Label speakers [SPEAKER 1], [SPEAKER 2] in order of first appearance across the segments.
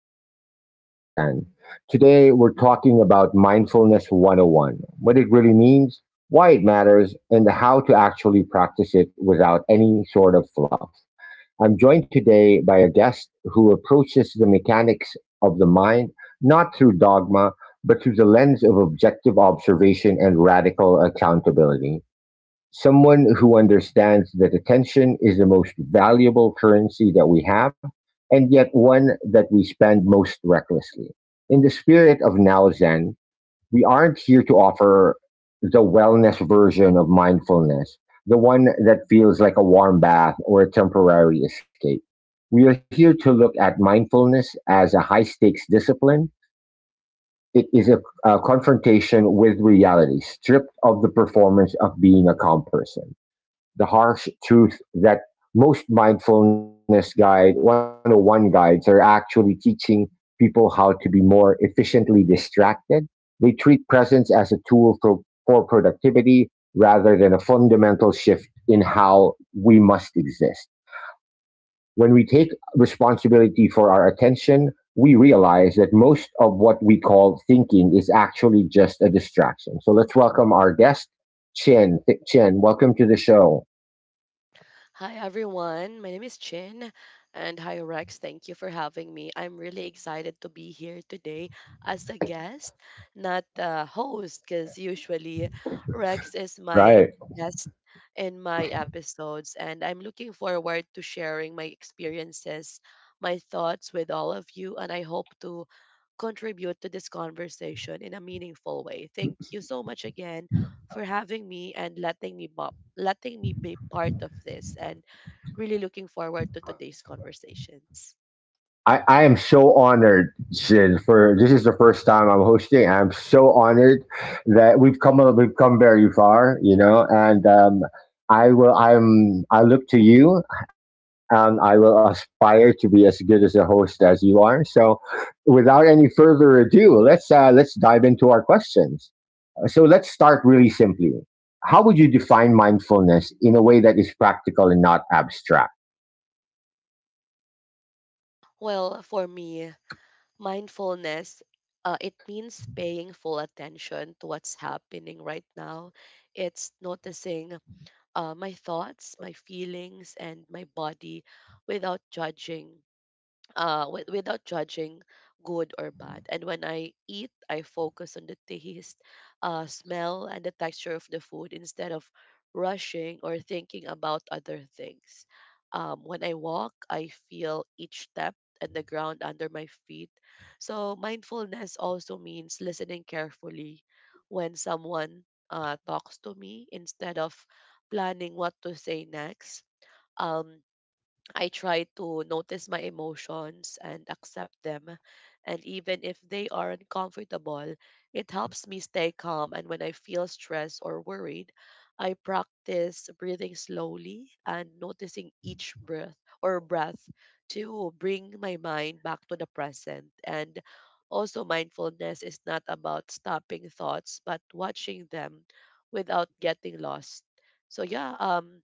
[SPEAKER 1] episode of Now Zen. Today, we're talking about Mindfulness 101, what it really means, why it matters, and how to actually practice it without any sort of fluff. I'm joined today by a guest who approaches the mechanics of the mind not through dogma, but through the lens of objective observation and radical accountability, someone who understands that attention is the most valuable currency that we have, and yet one that we spend most recklessly. In the spirit of Now Zen, we aren't here to offer the wellness version of mindfulness, the one that feels like a warm bath or a temporary escape. We are here to look at mindfulness as a high stakes discipline. It is a confrontation with reality, stripped of the performance of being a calm person, the harsh truth that most mindfulness guide 101 guides are actually teaching people how to be more efficiently distracted. They treat presence as a tool for productivity rather than a fundamental shift in how we must exist. When we take responsibility for our attention, we realize that most of what we call thinking is actually just a distraction. So let's welcome our guest, Chin. Chin, welcome to the show.
[SPEAKER 2] Hi everyone, my name is Chin, and hi Rex, thank you for having me. I'm really excited to be here today as a guest, not a host, because usually Rex is my
[SPEAKER 1] Right.
[SPEAKER 2] guest in my episodes, and I'm looking forward to sharing my experiences, my thoughts with all of you, and I hope to contribute to this conversation in a meaningful way. Thank you so much again for having me and letting me be part of this and really looking forward to today's conversations.
[SPEAKER 1] I am so honored, Shin, for this is the first time I'm hosting. I'm so honored that we've come very far, you know, and I will I'm I look to you, and I will aspire to be as good as a host as you are. So without any further ado, let's dive into our questions. So let's start really simply. How would you define mindfulness in a way that is practical and not abstract?
[SPEAKER 2] Well, for me, mindfulness, it means paying full attention to what's happening right now. It's noticing my thoughts, my feelings, and my body without judging without judging good or bad. And when I eat, I focus on the taste, smell, and the texture of the food instead of rushing or thinking about other things. When I walk, I feel each step and the ground under my feet. So, mindfulness also means listening carefully when someone talks to me instead of planning what to say next. Um, I try to notice my emotions and accept them. And even if they are uncomfortable, it helps me stay calm. And when I feel stressed or worried, I practice breathing slowly and noticing each breath to bring my mind back to the present. And also, mindfulness is not about stopping thoughts, but watching them without getting lost. So, yeah,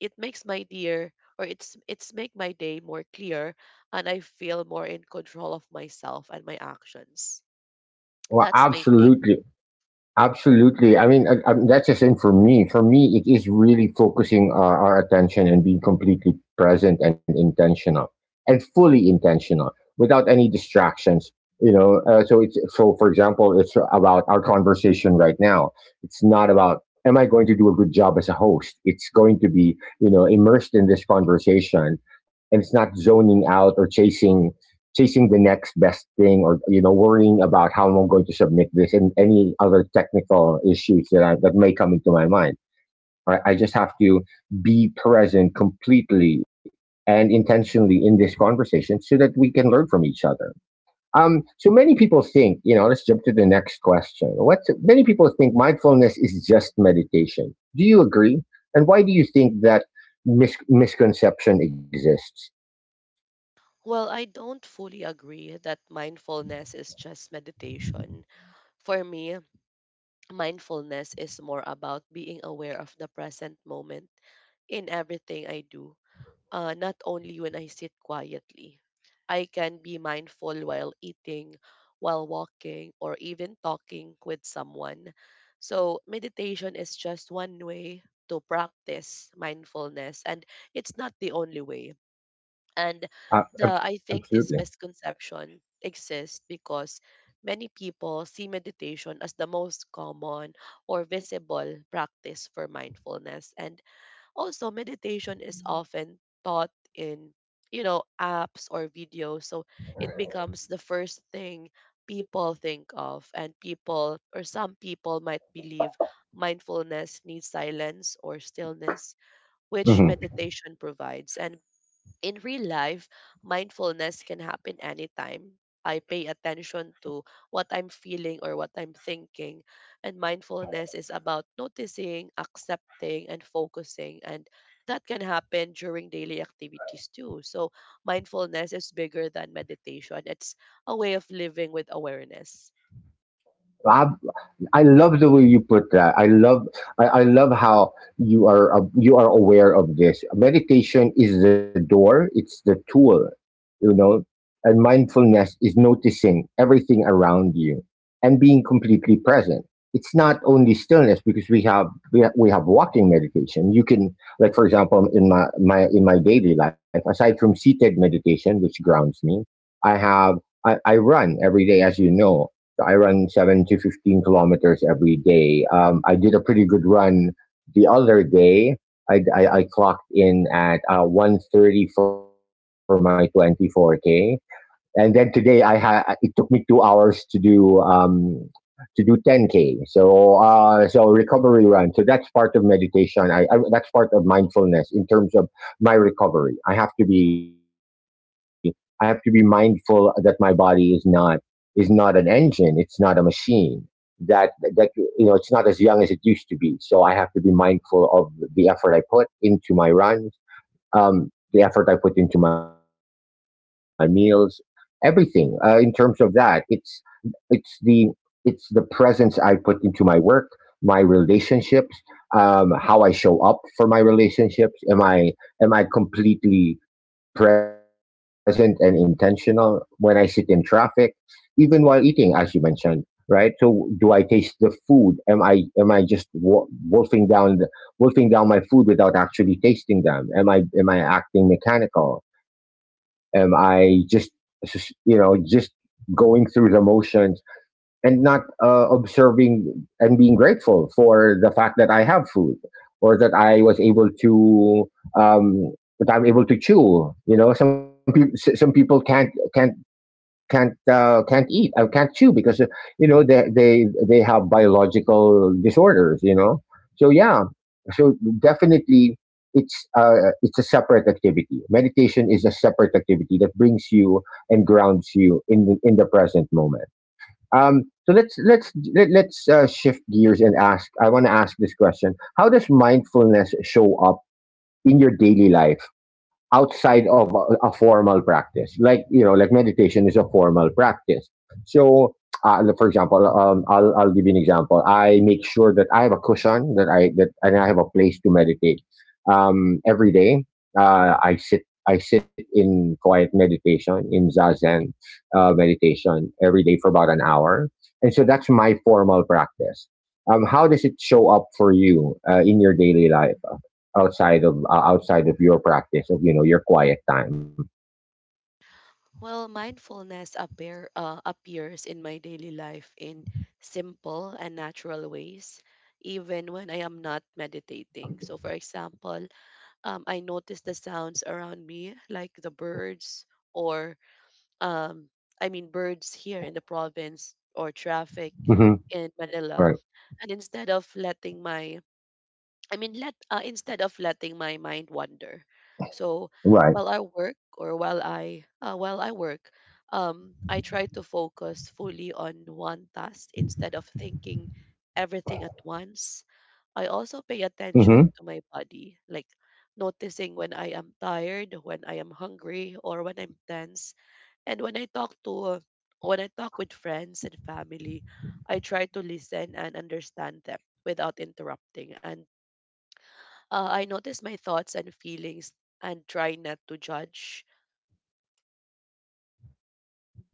[SPEAKER 2] it makes my dear or it's make my day more clear, and I feel more in control of myself and my actions.
[SPEAKER 1] Well,
[SPEAKER 2] That's my take.
[SPEAKER 1] absolutely. Absolutely. I mean, that's the same for me. For me, it is really focusing our attention and being completely present and intentional and fully intentional without any distractions. You know, so it's so. For example, it's about our conversation right now. It's not about am I going to do a good job as a host. It's going to be, you know, immersed in this conversation, and it's not zoning out or chasing the next best thing, or, you know, worrying about how I'm going to submit this and any other technical issues that that may come into my mind. Right? I just have to be present completely and intentionally in this conversation so that we can learn from each other. So many people think, you know, let's jump to the next question. What many people think mindfulness is just meditation. Do you agree? And why do you think that misconception exists?
[SPEAKER 2] Well, I don't fully agree that mindfulness is just meditation. For me, mindfulness is more about being aware of the present moment in everything I do, not only when I sit quietly. I can be mindful while eating, while walking, or even talking with someone. So, meditation is just one way to practice mindfulness, and it's not the only way. And
[SPEAKER 1] Uh, ab-
[SPEAKER 2] I think
[SPEAKER 1] Absolutely.
[SPEAKER 2] this misconception exists because many people see meditation as the most common or visible practice for mindfulness. And also, meditation is often taught in, you know, apps or videos. So it becomes the first thing people think of. And people, or some people, might believe mindfulness needs silence or stillness, which
[SPEAKER 1] Mm-hmm.
[SPEAKER 2] meditation provides. And in real life, mindfulness can happen anytime. I pay attention to what I'm feeling or what I'm thinking. And mindfulness is about noticing, accepting, and focusing. And that can happen during daily activities too. So, mindfulness is bigger than meditation, it's a way of living with awareness.
[SPEAKER 1] Rob, I love the way you put that. I love how you are aware of this. Meditation is the door, it's the tool, you know, and mindfulness is noticing everything around you and being completely present. It's not only stillness because we have walking meditation. You can, like, for example, in my, my in my daily life, aside from seated meditation which grounds me, I have I run every day, as you know. So I run seven to 15 kilometers every day. I did a pretty good run the other day. I clocked in at 130 for my 24K, and then today I had, it took me 2 hours to do 10K. So recovery run. So that's part of meditation. I that's part of mindfulness in terms of my recovery. I have to be mindful that my body is not, is not an engine. It's not a machine. That, that, you know, it's not as young as it used to be. So I have to be mindful of the effort I put into my runs, the effort I put into my meals, everything in terms of that. It's the it's the presence I put into my work, my relationships, how I show up for my relationships. Am I completely present and intentional when I sit in traffic, even while eating, as you mentioned, right? So, do I taste the food? Am I just wolfing down my food without actually tasting them? Am I acting mechanical? Am I just you know, just going through the motions and not observing and being grateful for the fact that I have food, or that I was able to um, that I'm able to chew. You know, some people can't can't can't eat, I can't chew because you know, they have biological disorders. You know, so yeah, so definitely. It's a separate activity. Meditation is a separate activity that brings you and grounds you in in the present moment. So let's let, let's shift gears and ask. I want to ask this question: how does mindfulness show up in your daily life, outside of a formal practice? Like, you know, like meditation is a formal practice. So, I'll give you an example. I make sure that I have a cushion and I have a place to meditate. Every day, uh, I sit, I sit in quiet meditation, in Zazen, meditation every day for about an hour. And so that's my formal practice. How does it show up for you in your daily life, outside of your practice of, you know, your quiet time?
[SPEAKER 2] Well, mindfulness appears in my daily life in simple and natural ways, even when I am not meditating. So, for example, I notice the sounds around me, like the birds, or um, I mean, birds here in the province, or traffic
[SPEAKER 1] Mm-hmm.
[SPEAKER 2] in
[SPEAKER 1] Right.
[SPEAKER 2] Manila. And instead of letting my I mean, let instead of letting my mind wander. So
[SPEAKER 1] Right.
[SPEAKER 2] while I work, I try to focus fully on one task instead of thinking everything at once. I also pay
[SPEAKER 1] Mm-hmm.
[SPEAKER 2] attention to my body, like noticing when I am tired, when I am hungry, or when I'm tense. And when I talk with friends and family, I try to listen and understand them without interrupting. And I notice my thoughts and feelings and try not to judge.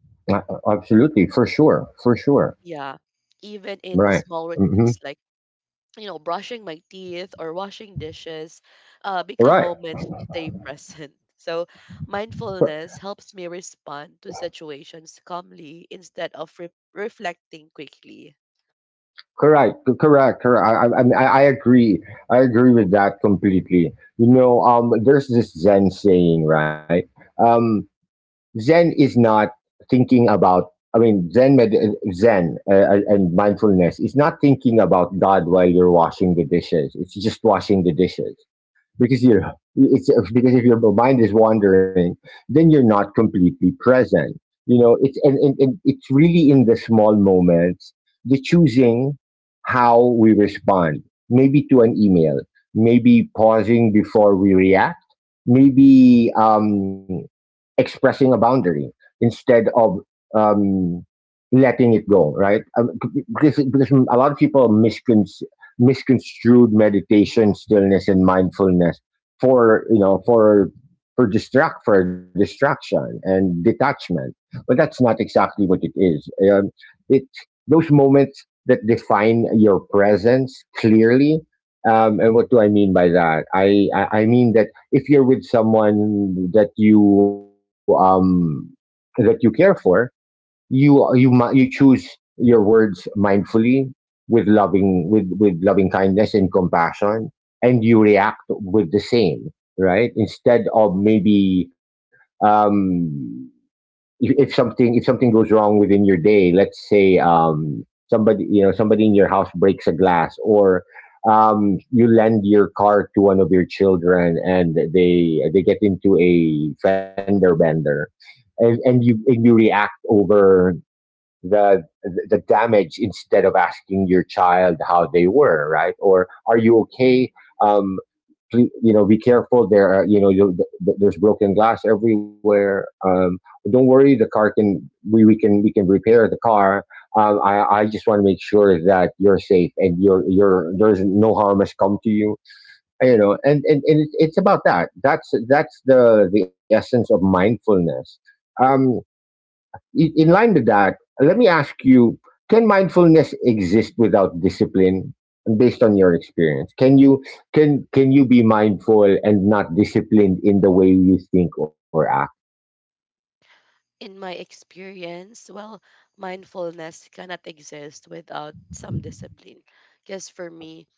[SPEAKER 1] Uh, absolutely. For sure. For sure.
[SPEAKER 2] Yeah. Even in
[SPEAKER 1] Right.
[SPEAKER 2] small
[SPEAKER 1] Mm-hmm.
[SPEAKER 2] routines like, you know, brushing my teeth or washing dishes, become
[SPEAKER 1] Right.
[SPEAKER 2] moments to stay present. So,
[SPEAKER 1] Cor-
[SPEAKER 2] mindfulness helps me respond to situations calmly instead of reflecting quickly.
[SPEAKER 1] Correct. Correct. Correct. I agree. I agree with that completely. You know, there's this Zen saying, right? Um, Zen is not thinking about. I mean, Zen, med- Zen, and mindfulness is not thinking about God while you're washing the dishes. It's just washing the dishes, because you it's because if your mind is wandering, then you're not completely present, you know. And it's really in the small moments, the choosing how we respond, maybe to an email, maybe pausing before we react, maybe expressing a boundary instead of um, letting it go, right? Um, because a lot of people misconstrued meditation, stillness, and mindfulness for, you know, for distraction and detachment. But that's not exactly what it is. It, those moments that define your presence clearly. And what do I mean by that? I mean that if you're with someone that you care for, you choose your words mindfully with loving, with loving kindness and compassion, and you react with the same, right? Instead of maybe um if something goes wrong within your day, let's say, somebody, you know, somebody in your house breaks a glass, or you lend your car to one of your children and they get into a fender bender, and you react over the the damage, instead of asking your child how they were. Right? Or are you okay? Um, please, you know, be careful, there are, you know, there's broken glass everywhere. Um, don't worry, the car, we can, we can repair the car. I just want to make sure that you're safe, and you're, there's no harm has come to you, you know. And it's about that, that's the essence of mindfulness. Um, in line with that, let me ask you, can mindfulness exist without discipline? Based on your experience, can you, can you be mindful and not disciplined in the way you think or act?
[SPEAKER 2] In my experience, well, mindfulness cannot exist without some discipline. Because for me,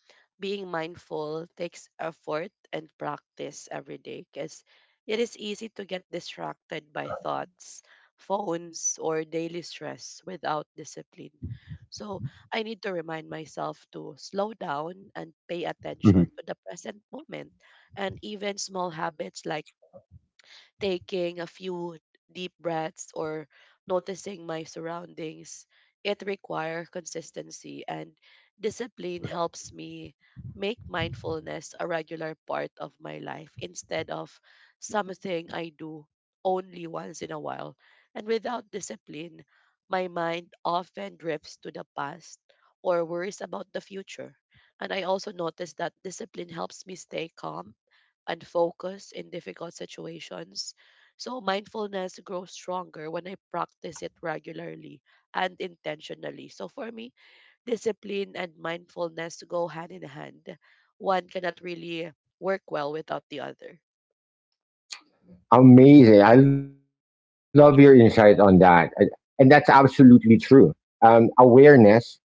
[SPEAKER 2] being mindful takes effort and practice every day because it is easy to get distracted by thoughts, phones, or daily stress without discipline. So I need to remind myself to slow down and pay
[SPEAKER 1] Hmm.
[SPEAKER 2] attention to the present moment. And even small habits like taking a few deep breaths or noticing my surroundings, it requires consistency, and discipline helps me make mindfulness a regular part of my life instead of something I do only once in a while. And without discipline, my mind often drifts to the past or worries about the future. And I also notice that discipline helps me stay calm and focus in difficult situations. So, mindfulness grows stronger when I practice it regularly and intentionally. So, for me, discipline and mindfulness go hand in hand. One cannot really work well without the other.
[SPEAKER 1] Amazing, I love your insight on that, and that's absolutely true. Um, awareness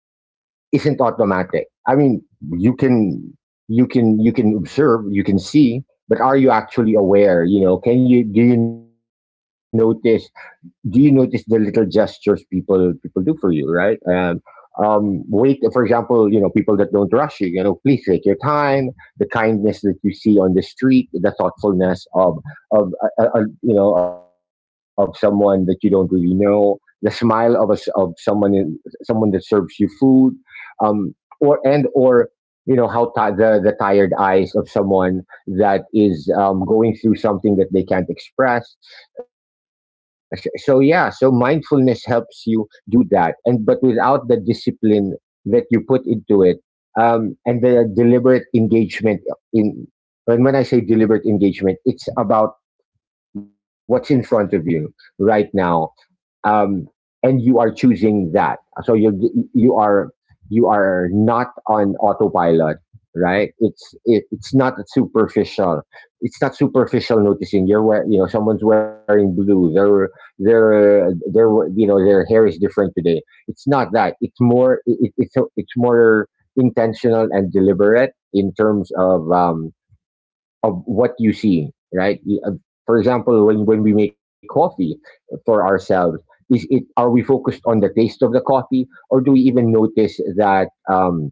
[SPEAKER 1] isn't automatic. I mean, you can, observe, you can see, but are you actually aware? You know, can you, do you notice, do you notice the little gestures people people do for you, right? Wait, for example, you know, people that don't rush you, you know, please take your time. The kindness that you see on the street, the thoughtfulness of someone that you don't really know, the smile of a s of someone someone that serves you food, um, or you know how ti the tired eyes of someone that is going through something that they can't express. So mindfulness helps you do that, and but without the discipline that you put into it, and the deliberate engagement in and when I say deliberate engagement, it's about what's in front of you right now, um, and you are choosing that. So you are, you are not on autopilot, right? It's not superficial. It's not superficial noticing you're wearing, you know, someone's wearing blue. Their you know, their hair is different today. It's not that. It's more intentional and deliberate in terms of what you see, right? uh, For example, when we make coffee for ourselves, is it are we focused on the taste of the coffee, or do we even notice that,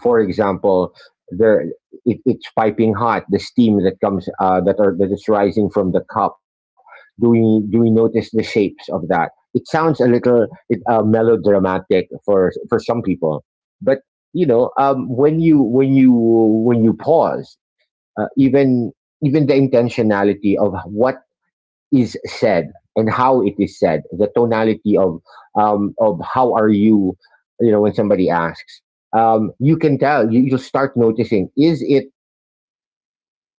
[SPEAKER 1] for example, there it's piping hot, the steam that comes that are that is rising from the cup? Do we do we notice the shapes of that? It sounds a little melodramatic for some people, but you know, when you when you when you pause, uh, even even the intentionality of what is said and how it is said, the tonality of how are you, you know, when somebody asks, you can tell you'll start noticing is it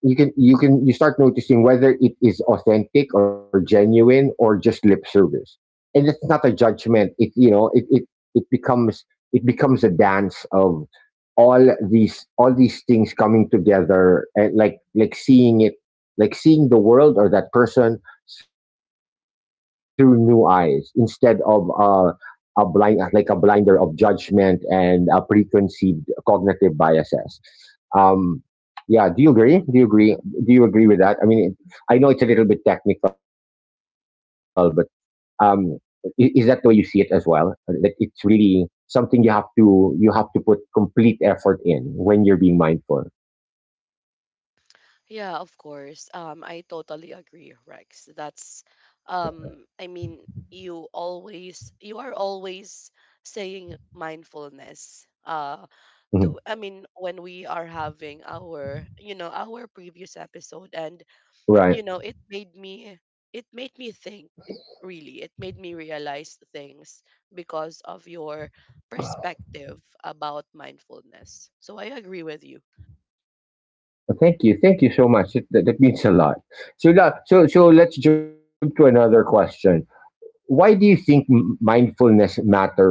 [SPEAKER 1] you start noticing whether it is authentic or genuine or just lip service. And it's not a judgment, it you know it it, it becomes, it becomes a dance of all these things coming together and like seeing it, like seeing the world or that person through new eyes instead of a blind, like a blinder of judgment and a preconceived cognitive biases. um yeah, do you agree with that? I mean, I know it's a little bit technical, but um, is that the way you see it as well? That it's really something you have to put complete effort in when you're being mindful.
[SPEAKER 2] Yeah, of course. I totally agree, Rex. That's, I mean, you are always saying mindfulness.
[SPEAKER 1] Mhm.
[SPEAKER 2] To I mean, when we are having our, you know, our previous episode, and
[SPEAKER 1] Right.
[SPEAKER 2] you know it made me think, really, it made me realize things because of your perspective about mindfulness, so I agree with you.
[SPEAKER 1] Well, thank you. Thank you so much. That means a lot. So, so let's jump to another question. Why do you think mindfulness matters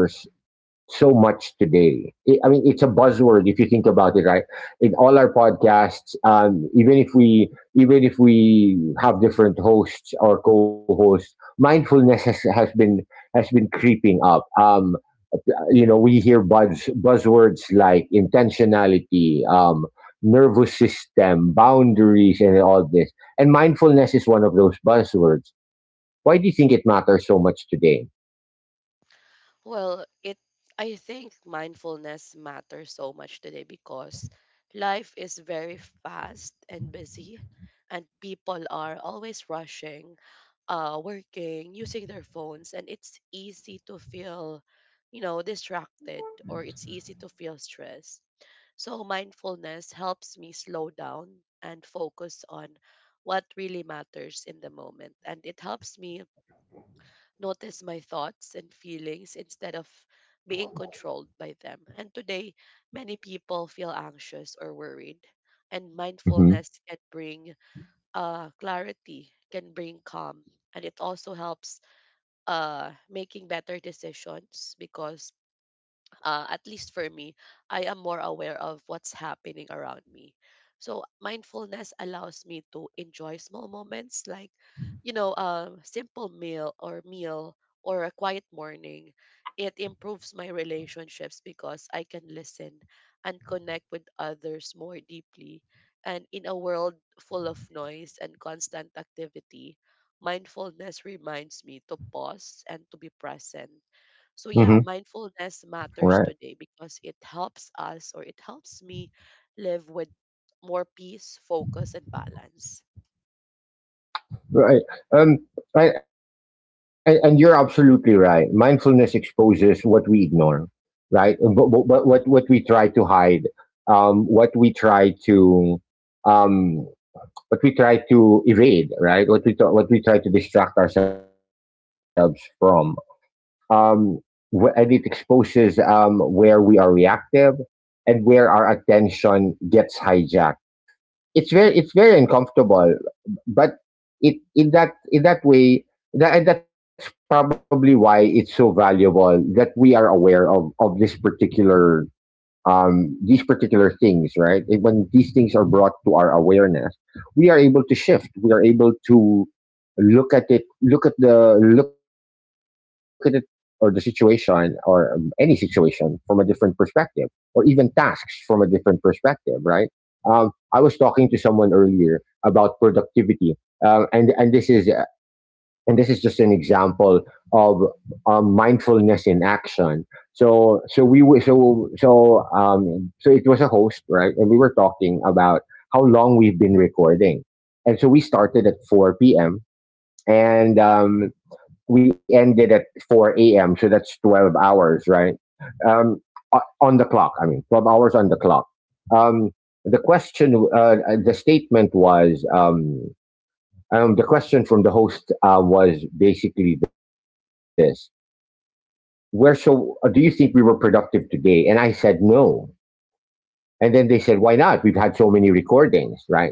[SPEAKER 1] so much today? I mean, it's a buzzword if you think about it, right? In all our podcasts, even if we, even if we have different hosts or co-hosts, mindfulness has been, has been creeping up. You know, we hear buzzwords like intentionality, nervous system, boundaries, and all this. And mindfulness is one of those buzzwords. Why do you think it matters so much today?
[SPEAKER 2] Well, it I think mindfulness matters so much today because life is very fast and busy, and people are always rushing, working, using their phones, and it's easy to feel, you know, distracted, or it's easy to feel stressed. So, mindfulness helps me slow down and focus on what really matters in the moment. And it helps me notice my thoughts and feelings instead of being controlled by them. And today, many people feel anxious or worried. And mindfulness can
[SPEAKER 1] Mm-hmm.
[SPEAKER 2] bring clarity, can bring calm, and it also helps, making better decisions because, at least for me, I am more aware of what's happening around me. So mindfulness allows me to enjoy small moments like, you know, a simple meal or a quiet morning. It improves my relationships because I can listen and connect with others more deeply. And in a world full of noise and constant activity, mindfulness reminds me to pause and to be present. So yeah, mindfulness matters today
[SPEAKER 1] Mm-hmm.
[SPEAKER 2] because it helps us, or it helps me live with more peace, focus, and balance.
[SPEAKER 1] Right. Um, I, and you're absolutely right. Mindfulness exposes what we ignore, right? But, but what we try to hide, um, what we try to, um, what we try to evade, right? What we try to distract ourselves from. Um, and it exposes, where we are reactive and where our attention gets hijacked. It's very uncomfortable, but it in that way, and that's probably why it's so valuable that we are aware of this particular, these particular things, right? And when these things are brought to our awareness, we are able to shift. We are able to look at it, look at it, or the situation, or any situation from a different perspective, or even tasks from a different perspective, right? I was talking to someone earlier about productivity, and this is just an example of mindfulness in action. So so we w- so so so it was a host, right, and we were talking about how long we've been recording, and so we started at four p.m. and we ended at four a.m. So that's 12 hours, right? Um, on the clock. I mean, 12 hours on the clock. Um, the question, the statement was. The question from the host was basically this: Where so do you think we were productive today? And I said no. And then they said, "Why not? We've had so many recordings, right?"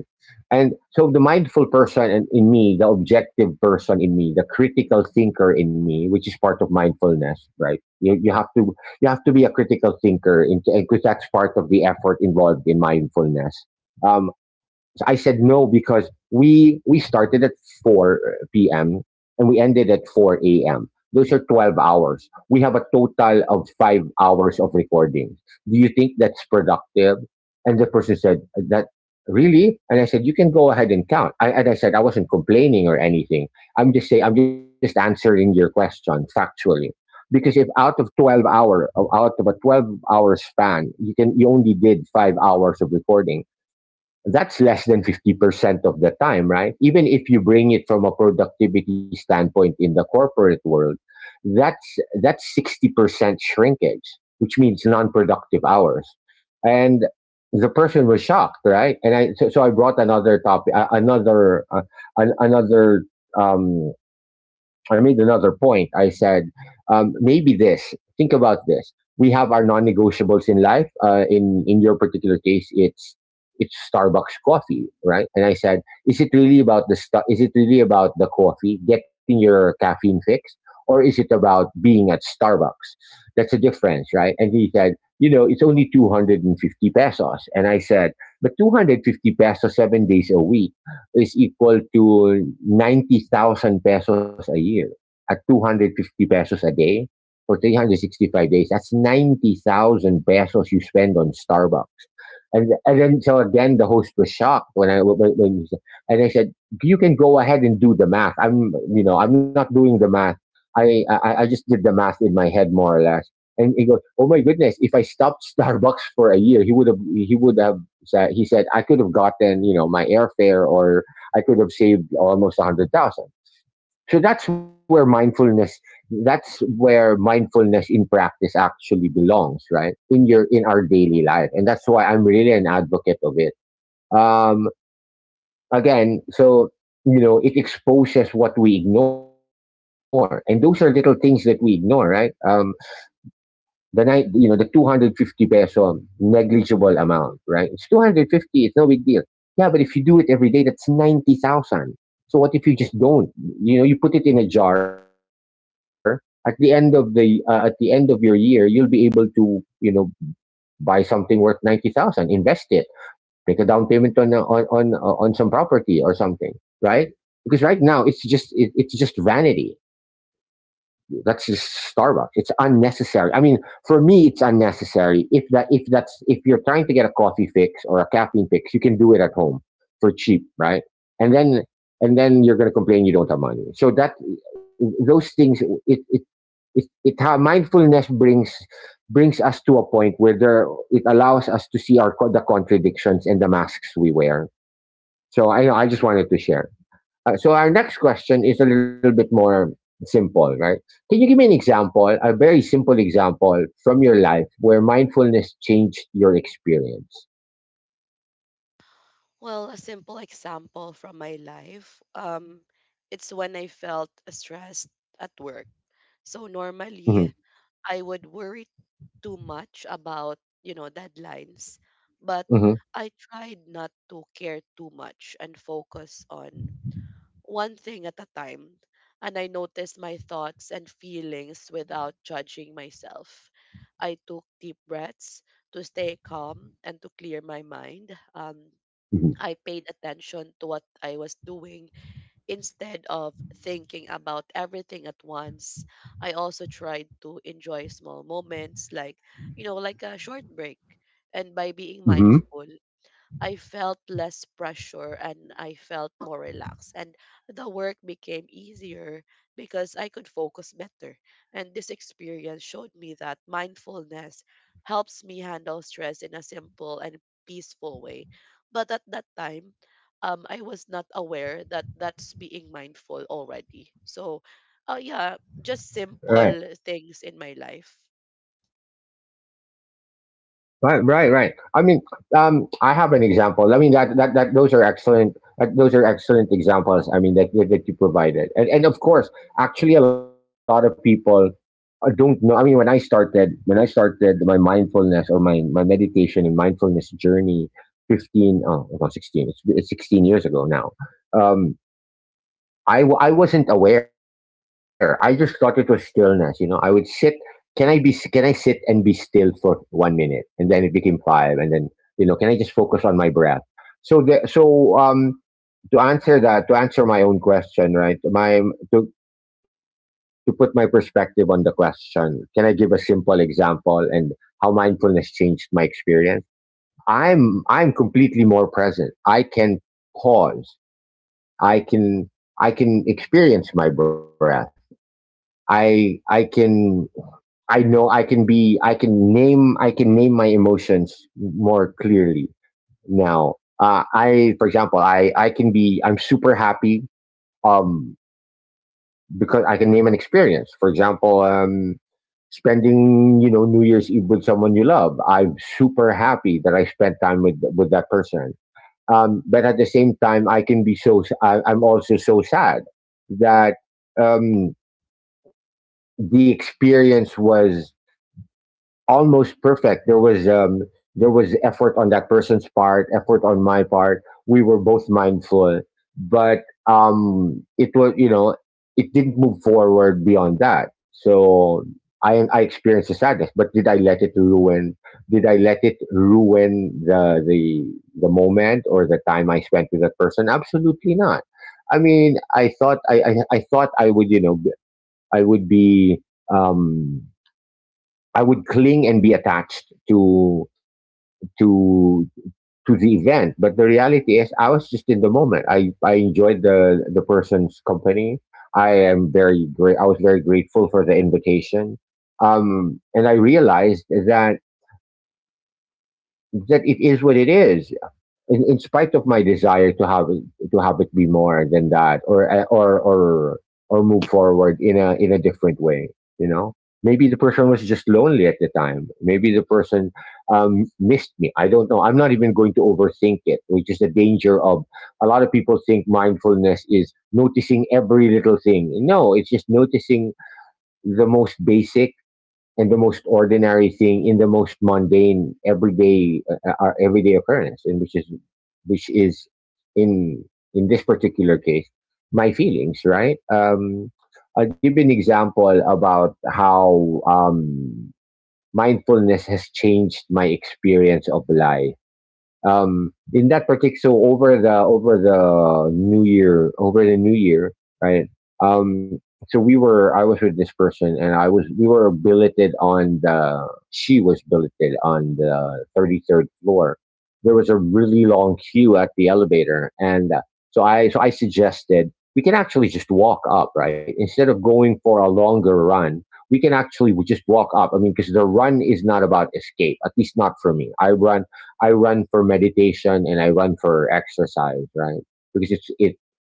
[SPEAKER 1] And so the mindful person in me, the objective person in me, the critical thinker in me, which is part of mindfulness, right? You have to, you have to be a critical thinker, because that's part of the effort involved in mindfulness. Um, so I said no because we started at 4 p.m. and we ended at 4 a.m. Those are 12 hours. We have a total of 5 hours of recording. Do you think that's productive? And the person said, that really?" And I said, you can go ahead and count. I said, I wasn't complaining or anything. I'm just saying, I'm just answering your question factually. Because if out of a 12-hour span, you only did 5 hours of recording, that's less than 50% of the time, right? Even if you bring it from a productivity standpoint in the corporate world, that's that's 60% shrinkage, which means non-productive hours. And the person was shocked, right? So I brought another topic, another I made another point. I said, maybe this. Think about this. We have our non-negotiables in life. In your particular case, it's Starbucks coffee, right? And I said, is it really about the coffee, getting your caffeine fix, or is it about being at Starbucks? That's a difference, right? And he said, you know, it's only 250 pesos. And I said, but 250 pesos 7 days a week is equal to 90,000 pesos a year at 250 pesos a day for 365 days. That's 90,000 pesos you spend on Starbucks. And then so Again, the host was shocked when when you said, and I said, "You can go ahead and do the math. I'm, you know, I'm not doing the math. I just did the math in my head more or less." And he goes, "Oh my goodness! If I stopped Starbucks for a year, he would have said he said I could have gotten, you know, my airfare, or I could have saved almost 100,000." So that's where mindfulness, that's where mindfulness in practice actually belongs, right? In your in our daily life. And that's why I'm really an advocate of it. Um Again, so you know, it exposes what we ignore. And those are little things that we ignore, right? The night You know, the 250 peso negligible amount, right? It's 250, it's no big deal. Yeah, but if you do it every day, that's 90,000. So what if you just don't, you know, you put it in a jar? At the end of the at the end of your year, you'll be able to, you know, buy something worth 90,000, invest it, make a down payment on on some property or something, right? Because right now it's just vanity. That's just Starbucks. It's unnecessary. I mean, for me, it's unnecessary. If that's, if you're trying to get a coffee fix or a caffeine fix, you can do it at home for cheap, right? And then, and then you're going to complain you don't have money. So that those things, it it it how mindfulness brings, brings us to a point where there it allows us to see our the contradictions and the masks we wear. So I know, I just wanted to share. So our next question is a little bit more simple, right? Can you give me an example, a very simple example from your life where mindfulness changed your experience?
[SPEAKER 2] Well, a simple example from my life, it's when I felt stressed at work. So
[SPEAKER 1] Mm-hmm.
[SPEAKER 2] normally I would worry too much about, you know, deadlines, but
[SPEAKER 1] Mm-hmm.
[SPEAKER 2] I tried not to care too much and focus on one thing at a time, and I noticed my thoughts and feelings without judging myself. I took deep breaths to stay calm and to clear my mind. I paid attention to what I was doing instead of thinking about everything at once. I also tried to enjoy small moments like, you know, like a short break. And by being mindful,
[SPEAKER 1] Mm-hmm. Hmm.
[SPEAKER 2] I felt less pressure and I felt more relaxed. And the work became easier because I could focus better. And this experience showed me that mindfulness helps me handle stress in a simple and peaceful way. But at that time, I was not aware that that's being mindful already. So, yeah,
[SPEAKER 1] Right.
[SPEAKER 2] just simple things in my life.
[SPEAKER 1] Right. I mean, I have an example. I mean that those are excellent. Those are excellent examples. I mean that you provided, and of course, actually, a lot of people don't know. I mean, when I started my mindfulness or my meditation and mindfulness journey, 15, oh, no, 16. It's 16 years ago now. Um, I wasn't aware. I just thought it was stillness. You know, I would sit. Can I be? Can I sit and be still for 1 minute? And then it became five. And then, you know, can I just focus on my breath? So the so to answer that to answer my own question, right? My to to put my perspective on the question, can I give a simple example and how mindfulness changed my experience? I'm completely more present. I can pause. I can I can experience my breath. I can I know I can be I can name my emotions more clearly now. I for example I can be I'm super happy um because I can name an experience. For example, spending New Year's Eve with someone you love. I'm super happy that I spent time with that person. But at the same time, I can be so I am also so sad that um the experience was almost perfect. There was effort on that person's part, effort on my part. We were both mindful, but it was it didn't move forward beyond that. So I experienced the sadness, but did I let it ruin? Did I let it ruin the moment or the time I spent with that person? Absolutely not. I mean, I thought I would I would be um I would cling and be attached to to the event. But the reality is, I was just in the moment. I enjoyed the person's company. I am very great. I was very grateful for the invitation, and I realized that it is what it is, in spite of my desire to have it be more than that, or or move forward in a different way. you know maybe the person was just lonely at the time. Maybe the person missed me. I don't know. I'm not even going to overthink it, which is the danger of — a lot of people think mindfulness is noticing every little thing. No, it's just noticing the most basic and the most ordinary thing in the most mundane everyday everyday occurrence, and which is which is in in this particular case my feelings, right? I'll give you an example about how mindfulness has changed my experience of life. In that particular so Over the over the new year, right? um, so we were I was with this person, and I was we were billeted on the she was billeted on the 33rd floor. There was a really long queue at the elevator, and so I suggested we can actually just walk up, right, instead of going for a longer run. We can actually just walk up. I mean, because the run is not about escape, at least not for me. I run for meditation, and I run for exercise, right? Because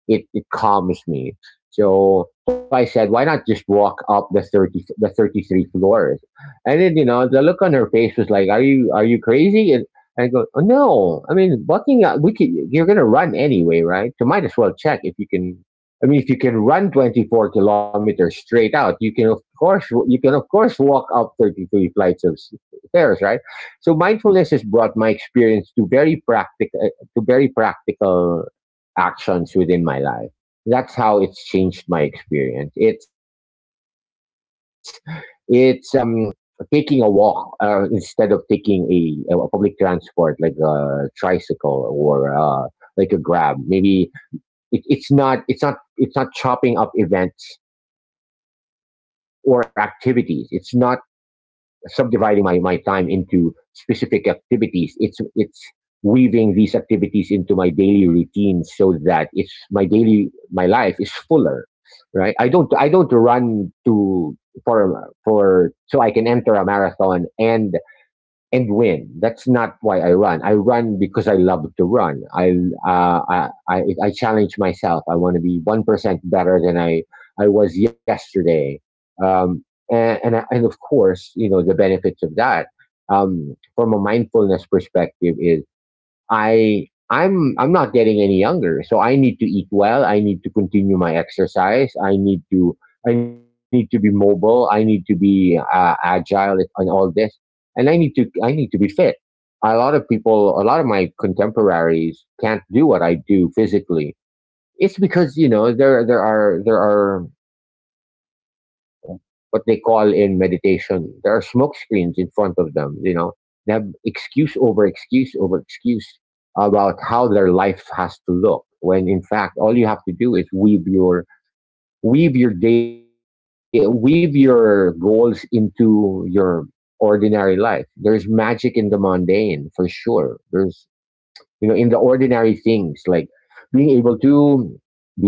[SPEAKER 1] it calms me. So I said, why not just walk up the thirty the 33 floors? And then you know the look on her face was like, are you crazy? And I go, oh, no. I mean, walking up, we can, you're gonna run anyway, right? So might as well check if you can. I mean, if you can run 24 kilometers straight out, you can of course walk up 33 flights of stairs, right? So mindfulness has brought my experience to very practical to very practical actions within my life. That's how it's changed my experience. It's taking a walk instead of taking a public transport like a tricycle, or like a grab. Maybe it's not chopping up events or activities. It's not subdividing my time into specific activities. It's weaving these activities into my daily routine, so that it's my daily my life is fuller, right? I don't run to for so I can enter a marathon and win. That's not why I run. I run because I love to run. I challenge myself. I want to be 1% better than I was yesterday. Um, and of course, you know, the benefits of that, from a mindfulness perspective, is I'm not getting any younger. So I need to eat well. I need to continue my exercise. I need to be mobile. I need to be agile and all this. And I need to be fit. A lot of people, a lot of my contemporaries can't do what I do physically. It's because there are what they call in meditation. There are smoke screens in front of them. You know, they have excuse over excuse over excuse about how their life has to look. When in fact, all you have to do is weave your weave your goals into your ordinary life. There's magic in the mundane for sure. There's, in the ordinary things, like being able to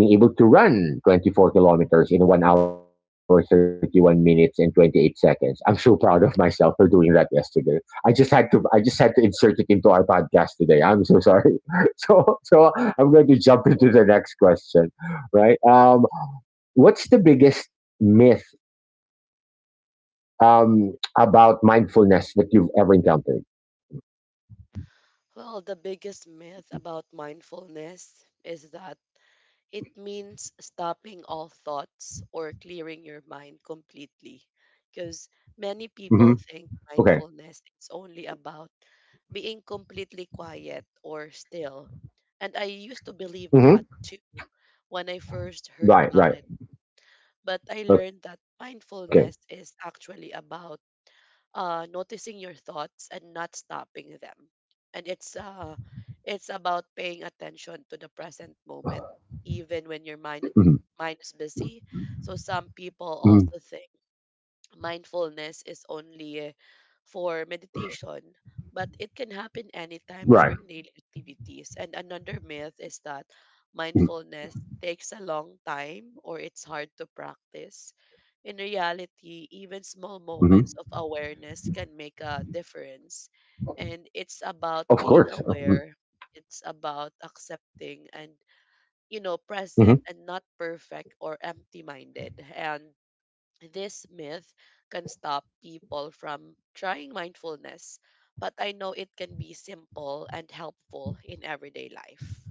[SPEAKER 1] being able to run 24 kilometers in 1 hour 31 minutes and 28 seconds. I'm so proud of myself for doing that yesterday. I just had to insert it into our podcast today. I'm so sorry. so so I'm going to jump into the next question, right? What's the biggest myth, um about mindfulness, that you've ever encountered?
[SPEAKER 2] Well, the biggest myth about mindfulness is that it means stopping all thoughts or clearing your mind completely. Because
[SPEAKER 1] Hmm.
[SPEAKER 2] many people
[SPEAKER 1] Okay.
[SPEAKER 2] think mindfulness is only about being completely quiet or still. And I used to believe
[SPEAKER 1] Hmm.
[SPEAKER 2] that too when I first heard
[SPEAKER 1] Right,
[SPEAKER 2] about it.
[SPEAKER 1] right.
[SPEAKER 2] But I learned that
[SPEAKER 1] Okay.
[SPEAKER 2] mindfulness is actually about noticing your thoughts and not stopping them. And it's about paying attention to the present moment, even when your mind
[SPEAKER 1] Hmm.
[SPEAKER 2] mind is busy. So some people also think mindfulness is only for meditation, but it can happen
[SPEAKER 1] Right.
[SPEAKER 2] anytime during daily activities. And another myth is that mindfulness takes a long time or it's hard to practice. In reality,
[SPEAKER 1] Hmm.
[SPEAKER 2] even small moments of awareness can make a difference. And it's
[SPEAKER 1] Of
[SPEAKER 2] about
[SPEAKER 1] course.
[SPEAKER 2] being aware, it's about accepting and, you know,
[SPEAKER 1] Hmm.
[SPEAKER 2] present and not perfect or empty minded. And this myth can stop people from trying mindfulness, but I know it can be simple and helpful in everyday life.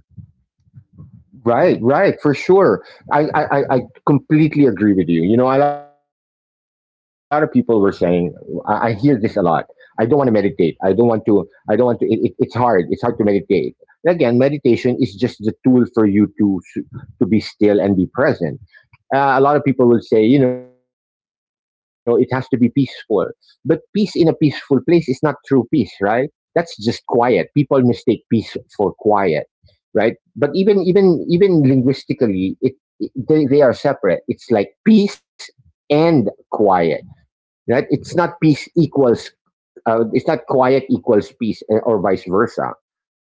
[SPEAKER 1] Right, right, for sure. I completely agree with you. You know, a lot of people were saying, I hear this a lot. I don't want to meditate. I don't want to, I don't want to, it's hard. It's hard to meditate. Again, meditation is just the tool for you to be still and be present. A lot of people will say, you know, it has to be peaceful. But peace in a peaceful place is not true peace, right? That's just quiet. People mistake peace for quiet, right? But even linguistically, it they are separate. It's like peace and quiet, right? It's not peace equals. It's not quiet equals peace, or vice versa.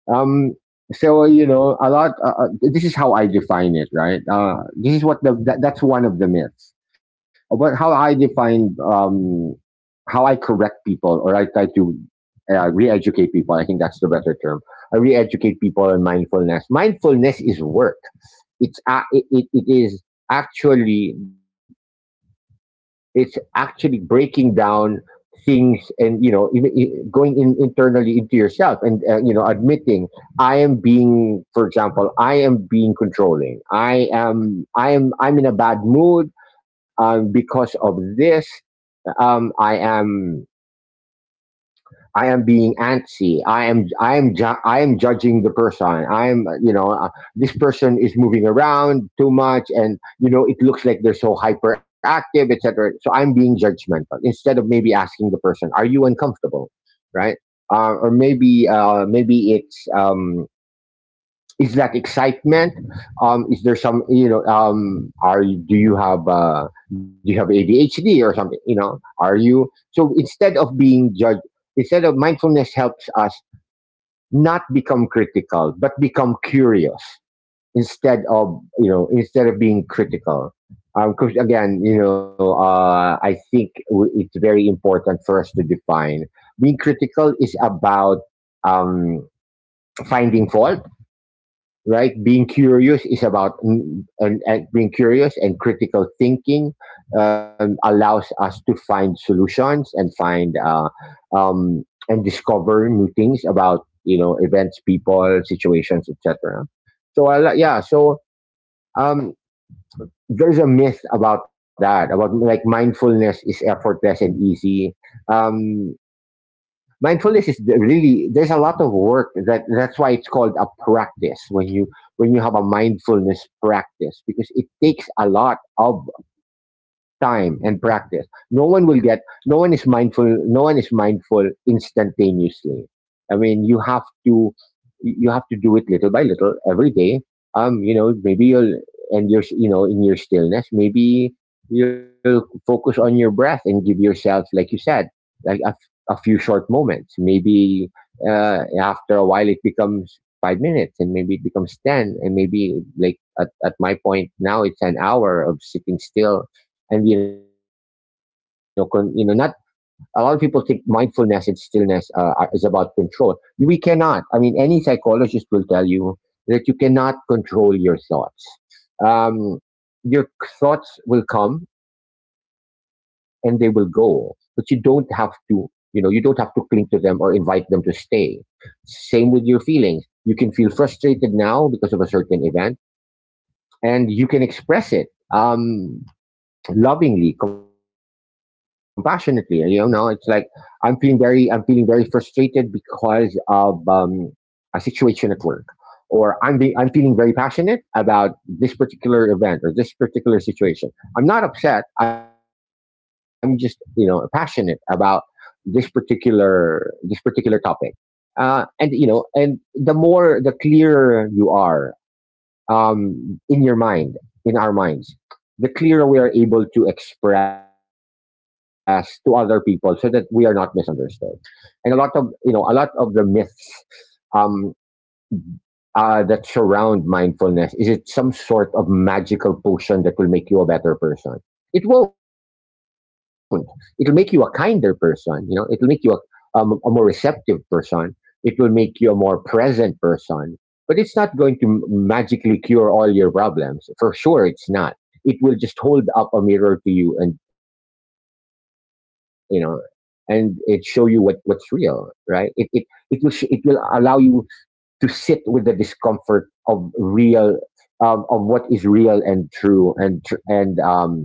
[SPEAKER 1] Um, you know, a lot. This is how I define it, right? This is what the that, That's one of the myths. But how I define, how I correct people, or I try to re-educate people. I think that's the better term. I re-educate people on mindfulness. Mindfulness is work. It is actually — it's actually breaking down things, and going in internally into yourself and, admitting, I am being, for example, I am being controlling. I'm in a bad mood, because of this. um, i am I am being antsy. I am judging the person. I am you know This person is moving around too much, and you know, it looks like they're so hyperactive, etc. So I'm being judgmental instead of maybe asking the person, "Are you uncomfortable?" Right? Or maybe Maybe it's, is that excitement, is there some, are you — do you have ADHD or something? You know, are you — so instead of being judged, instead of — mindfulness helps us not become critical, but become curious, instead of, instead of being critical. 'Cause again, I think — it's very important for us to define — being critical is about, um finding fault, right? Being curious is about — and being curious, and critical thinking, allows us to find solutions and find, um, and discover new things about, you know, events, people, situations, etc. Yeah, so, um, there's a myth about that, about like mindfulness is effortless and easy. Um, Mindfulness is — really, there's a lot of work. That that's why it's called a practice, when you — when you have a mindfulness practice, because it takes a lot of time and practice. no one will get no one is mindful. Instantaneously. I mean, you have to — you have to do it little by little every day. You know, maybe you'll — and you're, you know, in your stillness, maybe you'll focus on your breath and give yourself, like you said, like a few short moments. Maybe after a while it becomes 5 minutes, and maybe it becomes 10, and maybe, like, at my point now it's an hour of sitting still. And, you know, not — a lot of people think mindfulness and stillness, is about control. We cannot. I mean, any psychologist will tell you that you cannot control your thoughts. Um, your thoughts will come and they will go, but you don't have to. You know, you don't have to cling to them or invite them to stay. Same with your feelings. You can feel frustrated now because of a certain event, and you can express it, um, lovingly, compassionately. You know, it's like I'm feeling very frustrated because of a situation at work, or I'm feeling very passionate about this particular event or this particular situation. I'm not upset. I'm just, passionate about this particular topic. And the clearer you are in your mind, in our minds, the clearer we are able to express to other people so that we are not misunderstood. And a lot of the myths, um, that surround mindfulness? Is it some sort of magical potion that will make you a better person? It won't. It'll make you a kinder person. You know, it'll make you a more receptive person. It will make you a more present person. But it's not going to magically cure all your problems. For sure, it's not. It will just hold up a mirror to you, and and it show you what's real, right? It will allow you to sit with the discomfort of real of what is real and true and and um,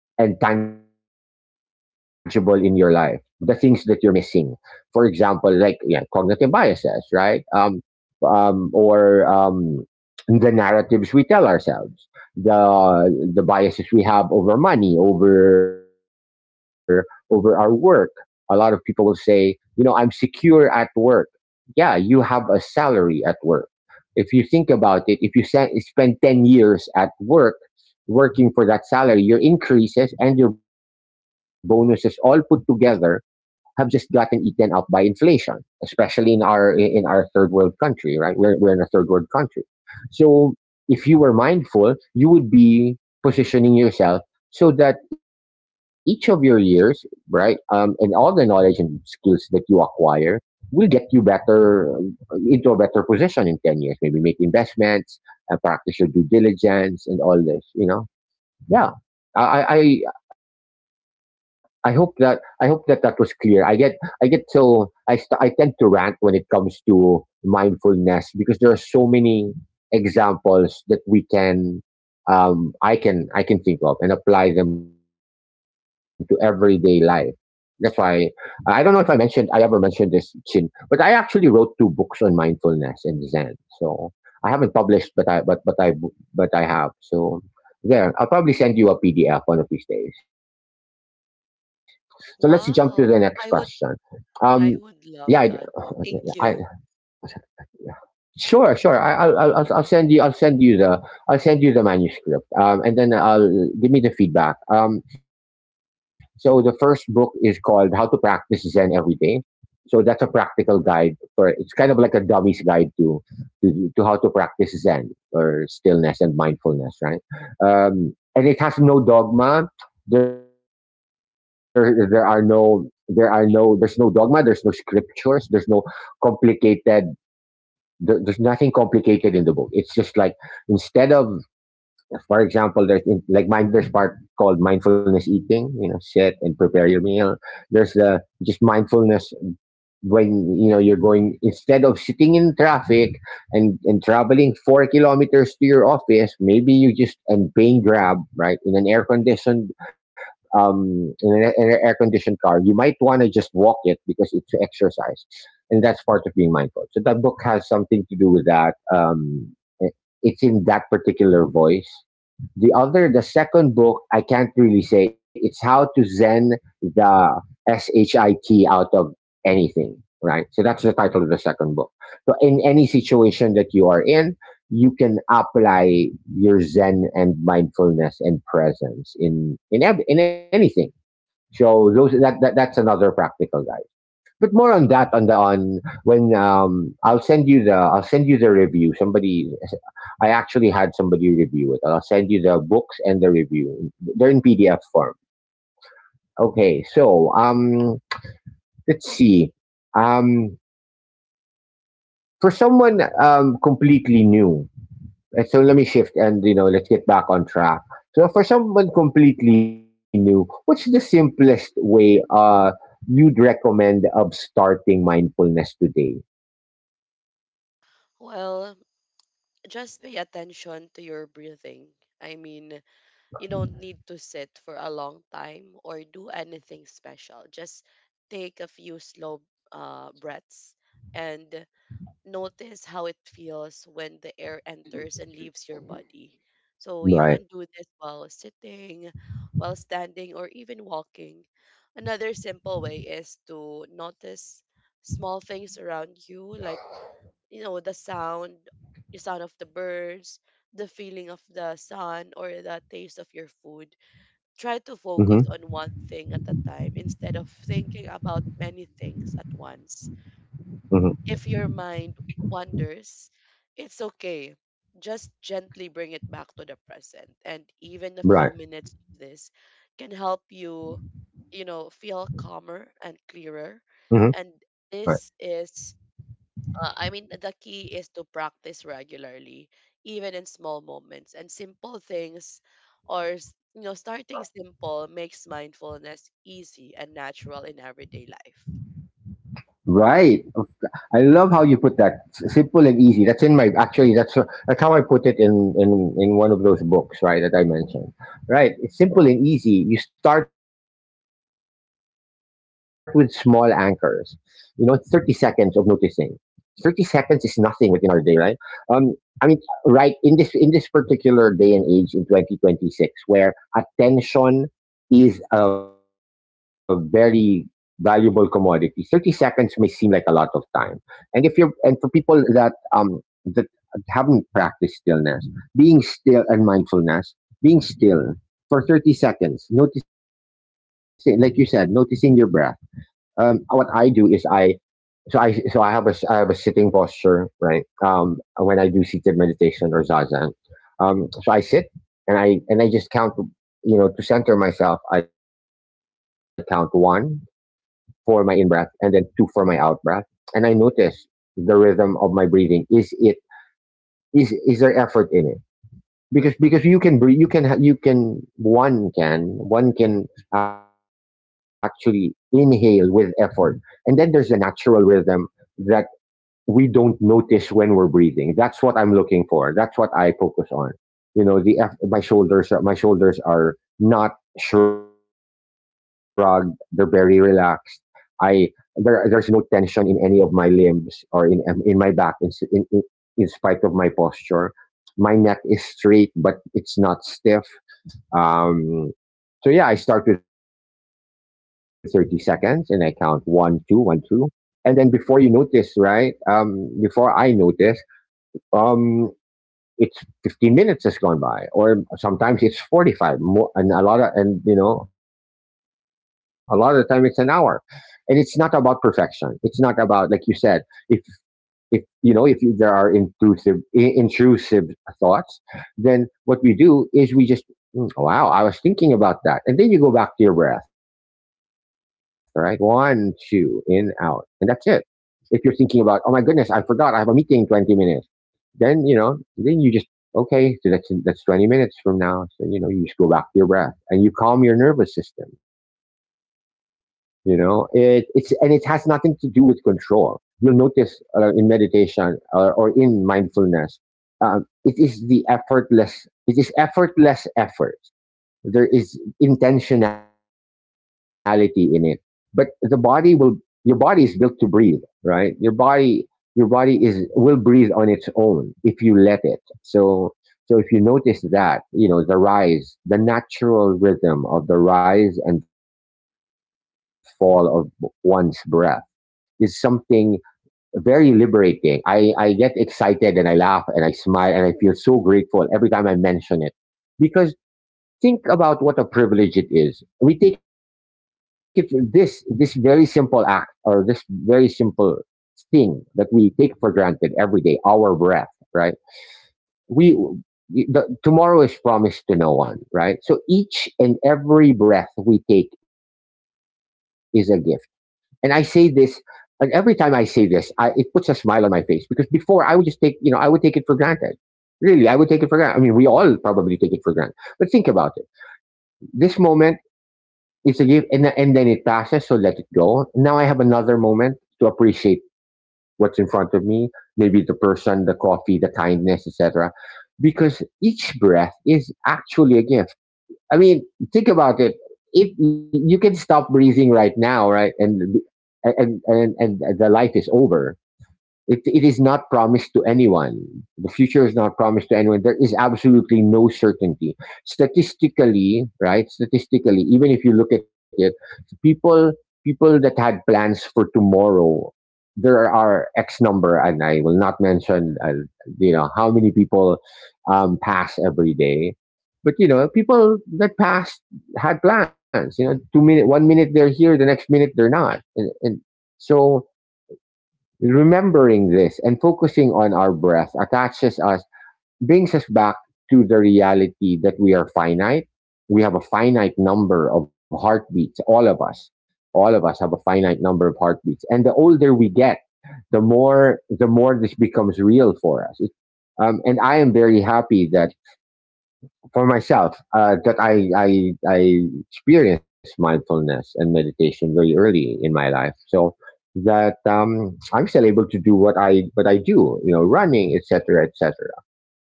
[SPEAKER 1] and tangible in your life, the things that you're missing, for example, like, yeah, cognitive biases, right? Or The narratives we tell ourselves, the the biases we have over money, over over our work. A lot of people will say, you know, I'm secure at work. Yeah, you have a salary at work. If you think about it, if you spend 10 years at work working for that salary, your increases and your bonuses all put together have just gotten eaten up by inflation, especially in our third world country, right? We're in a third world country. So if you were mindful, you would be positioning yourself so that each of your years, right, and all the knowledge and skills that you acquire will get you better into a better position in 10 years. Maybe make investments, practice your due diligence and all this, you know? Yeah, i I hope that, I hope that was clear. I get so I st- I tend to rant when it comes to mindfulness because there are so many examples that we can, I can think of and apply them to everyday life. That's why, I don't know if I ever mentioned this, Chin, but I actually wrote two books on mindfulness and zen. So I haven't published, but I have. So there, I'll probably send you a PDF one of these days. So let's jump to the next question.
[SPEAKER 2] Wow,
[SPEAKER 1] Um,
[SPEAKER 2] I would
[SPEAKER 1] yeah,
[SPEAKER 2] I would love
[SPEAKER 1] I, I
[SPEAKER 2] that. Thank you.
[SPEAKER 1] sure, sure. I, I'll send you, I'll send you the manuscript, and then I'll give me the feedback. So the first book is called How to Practice Zen Every Day, so that's a practical guide. For it's kind of like a dummy's guide to how to practice zen or stillness and mindfulness, right? And it has no dogma. There's no dogma, there's no scriptures, there's no complicated, there's nothing complicated in the book. It's just like, instead of, for example, there's in, like mind there's part called mindfulness eating, you know, sit and prepare your meal. There's the just mindfulness. When you know you're going, instead of sitting in traffic and traveling 4 kilometers to your office, maybe you just, and paying grab, right, in an air conditioned, in an air conditioned car, you might want to just walk it because it's exercise. And that's part of being mindful, so that book has something to do with that eh, it's in that particular voice. The second book, I can't really say. It's How to Zen the SHIT out of anything, right? So that's the title of the second book. So in any situation that you are in, you can apply your zen and mindfulness and presence in anything. So those that, that that's another practical guide, but more on that on the on when I'll send you the, I'll send you the review. Somebody I actually had somebody review it. I'll send you the books and the review. They're in PDF form. Okay, so let's see. Um for someone completely new. So let me shift and, you know, let's get back on track. So for someone completely new, what's the simplest way you'd recommend of starting mindfulness today?
[SPEAKER 2] Well, just pay attention to your breathing. I mean, you don't need to sit for a long time or do anything special. Just take a few slow breaths and notice how it feels when the air enters and leaves your body. So you
[SPEAKER 1] Right.
[SPEAKER 2] can do this while sitting, while standing, or even walking. Another simple way is to notice small things around you, like you know the sound of the birds, the feeling of the sun, or the taste of your food. Try to
[SPEAKER 1] Mm-hmm.
[SPEAKER 2] focus on one thing at a time instead of thinking about many things at once.
[SPEAKER 1] Hmm.
[SPEAKER 2] If your mind wanders, it's okay. Just gently bring it back to the present. And even a
[SPEAKER 1] Right.
[SPEAKER 2] few minutes of this can help you, you know, feel calmer and clearer.
[SPEAKER 1] Hmm.
[SPEAKER 2] And
[SPEAKER 1] Right.
[SPEAKER 2] this is, I mean, the key is to practice regularly, even in small moments and simple things, you know, starting simple makes mindfulness easy and natural in everyday life.
[SPEAKER 1] Right. I love how you put that. Simple and easy. That's in my, actually that's how I put it in one of those books, right, that I mentioned. Right. It's simple and easy. You start with small anchors. You know, 30 seconds of noticing. 30 seconds is nothing within our day, right? Um I mean, right, in this particular day and age in 2026, where attention is a very valuable commodity, 30 seconds may seem like a lot of time. And if you're and for people that um that haven't practiced stillness, being still, and mindfulness, being still for 30 seconds, noticing like you said, noticing your breath. What I do is, I so I so I have a sitting posture, right? When I do seated meditation, or zazen. So I sit, and I just count, you know, to center myself. I count 1 for my in breath, and then two for my out breath. And I notice the rhythm of my breathing. Is it, is there effort in it? Because you can breathe, you can one can one can actually inhale with effort, and then there's a natural rhythm that we don't notice when we're breathing. That's what I'm looking for. That's what I focus on. You know, the my shoulders are not shrugged. They're very relaxed. I there There's no tension in any of my limbs, or in my back, in spite of my posture. My neck is straight, but it's not stiff. Um, so yeah, I start with 30 seconds and I count one, two, one, two. And then before you notice, right? Before I notice, um, it's 15 minutes has gone by, or sometimes it's 45, and you know, a lot of the time it's an hour. And it's not about perfection. It's not about, like you said, if if you know, if there are intrusive intrusive thoughts, then what we do is we just, "Hmm, wow, I was thinking about that," and then you go back to your breath, right? One, two, in, out, and that's it. If you're thinking about, oh my goodness, I forgot I have a meeting in 20 minutes, then, you know, then you just, okay, so that's 20 minutes from now. So, you know, you just go back to your breath and you calm your nervous system. You know, it's, and it has nothing to do with control. You'll notice, in meditation, or in mindfulness, it is the effortless. It is effortless effort. There is intentionality in it, but the body will, your body is built to breathe, right? Your body is will breathe on its own if you let it. So so if you notice that, you know, the natural rhythm of the rise and fall of one's breath is something very liberating. I get excited, and I laugh, and I smile, and I feel so grateful every time I mention it, because, think about what a privilege it is. We take it, this very simple act, or this very simple thing that we take for granted every day, our breath, right? We Tomorrow is promised to no one, right? So each and every breath we take is a gift. And I say this, and every time I say this, it puts a smile on my face, because before I would just take, you know, I would take it for granted. Really, I would take it for granted. I mean, we all probably take it for granted. But think about it, this moment is a gift, and then it passes, so let it go. Now I have another moment to appreciate what's in front of me, maybe the person, the coffee, the kindness, etc. Because each breath is actually a gift. I mean, think about it. If you can stop breathing right now, right, and the life is over, it is not promised to anyone. The future is not promised to anyone. There is absolutely no certainty. Statistically, right? Statistically, even if you look at it, people people that had plans for tomorrow, there are X number, and I will not mention, how many people pass every day. But you know, people that passed had plans. You know, 2 minute, 1 minute they're here, the next minute they're not, and so remembering this and focusing on our breath attaches us, brings us back to the reality that we are finite. We have a finite number of heartbeats, all of us. All of us have a finite number of heartbeats. And the older we get, the more this becomes real for us. And I am very happy that for myself, that I experienced mindfulness and meditation very early in my life, so that I'm still able to do what I do, you know, running, etc., etc.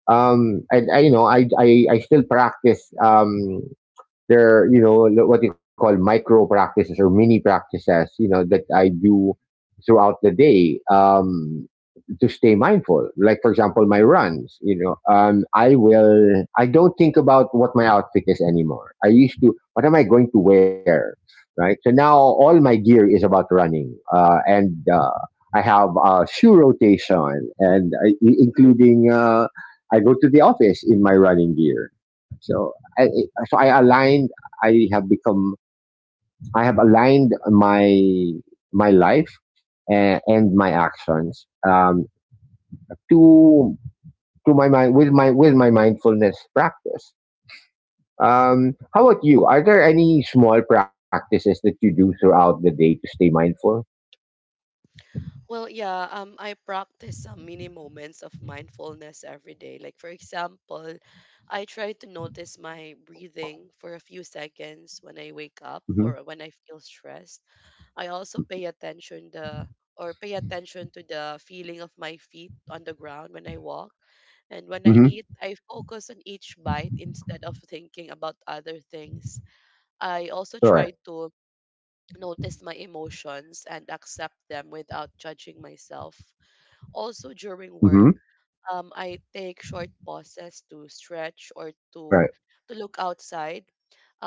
[SPEAKER 1] And I, you know, I still practice, there, you know, lo- what you call micro practices or mini practices, you know, that I do throughout the day. To stay mindful. Like for example, my runs. You know, I will. I don't think about what my outfit is anymore. I used to. What am I going to wear? Right. So now all my gear is about running, and I have a shoe rotation, and I go to the office in my running gear. So I, so I aligned. I have become. I have aligned my my life and my actions, to to my mind with my mindfulness practice. How about you? Are there any small practices that you do throughout the day to stay mindful?
[SPEAKER 2] Well, yeah, I practice some mini moments of mindfulness every day. Like, for example, I try to notice my breathing for a few seconds when I wake up
[SPEAKER 1] Mm-hmm.
[SPEAKER 2] or when I feel stressed. I also pay attention to the feeling of my feet on the ground when I walk.
[SPEAKER 1] Mm-hmm.
[SPEAKER 2] And when I eat, I focus on each bite instead of thinking about other things. I
[SPEAKER 1] All right.
[SPEAKER 2] also try to notice my emotions and accept them without judging myself. Also
[SPEAKER 1] Mm-hmm.
[SPEAKER 2] during work, I take short pauses to stretch or
[SPEAKER 1] Right.
[SPEAKER 2] to look outside.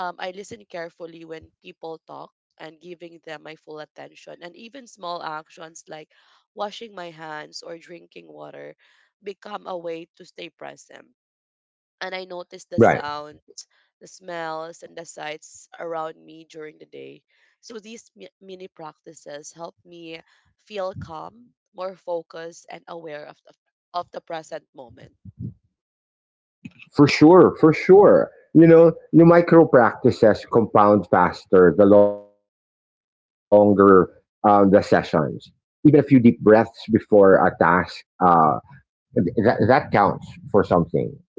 [SPEAKER 2] I listen carefully when people talk and giving them my full attention. And even small actions like washing my hands or drinking water become a way to stay present. And I
[SPEAKER 1] Right.
[SPEAKER 2] notice the sound, the smells, and the sights around me during the day. So these mini practices help me feel calm, more focused, and aware of of the present moment.
[SPEAKER 1] For sure. For sure. You know, the micro practices compound faster the longer, the sessions. Even a few deep breaths before a task, uh, that counts for something. Even,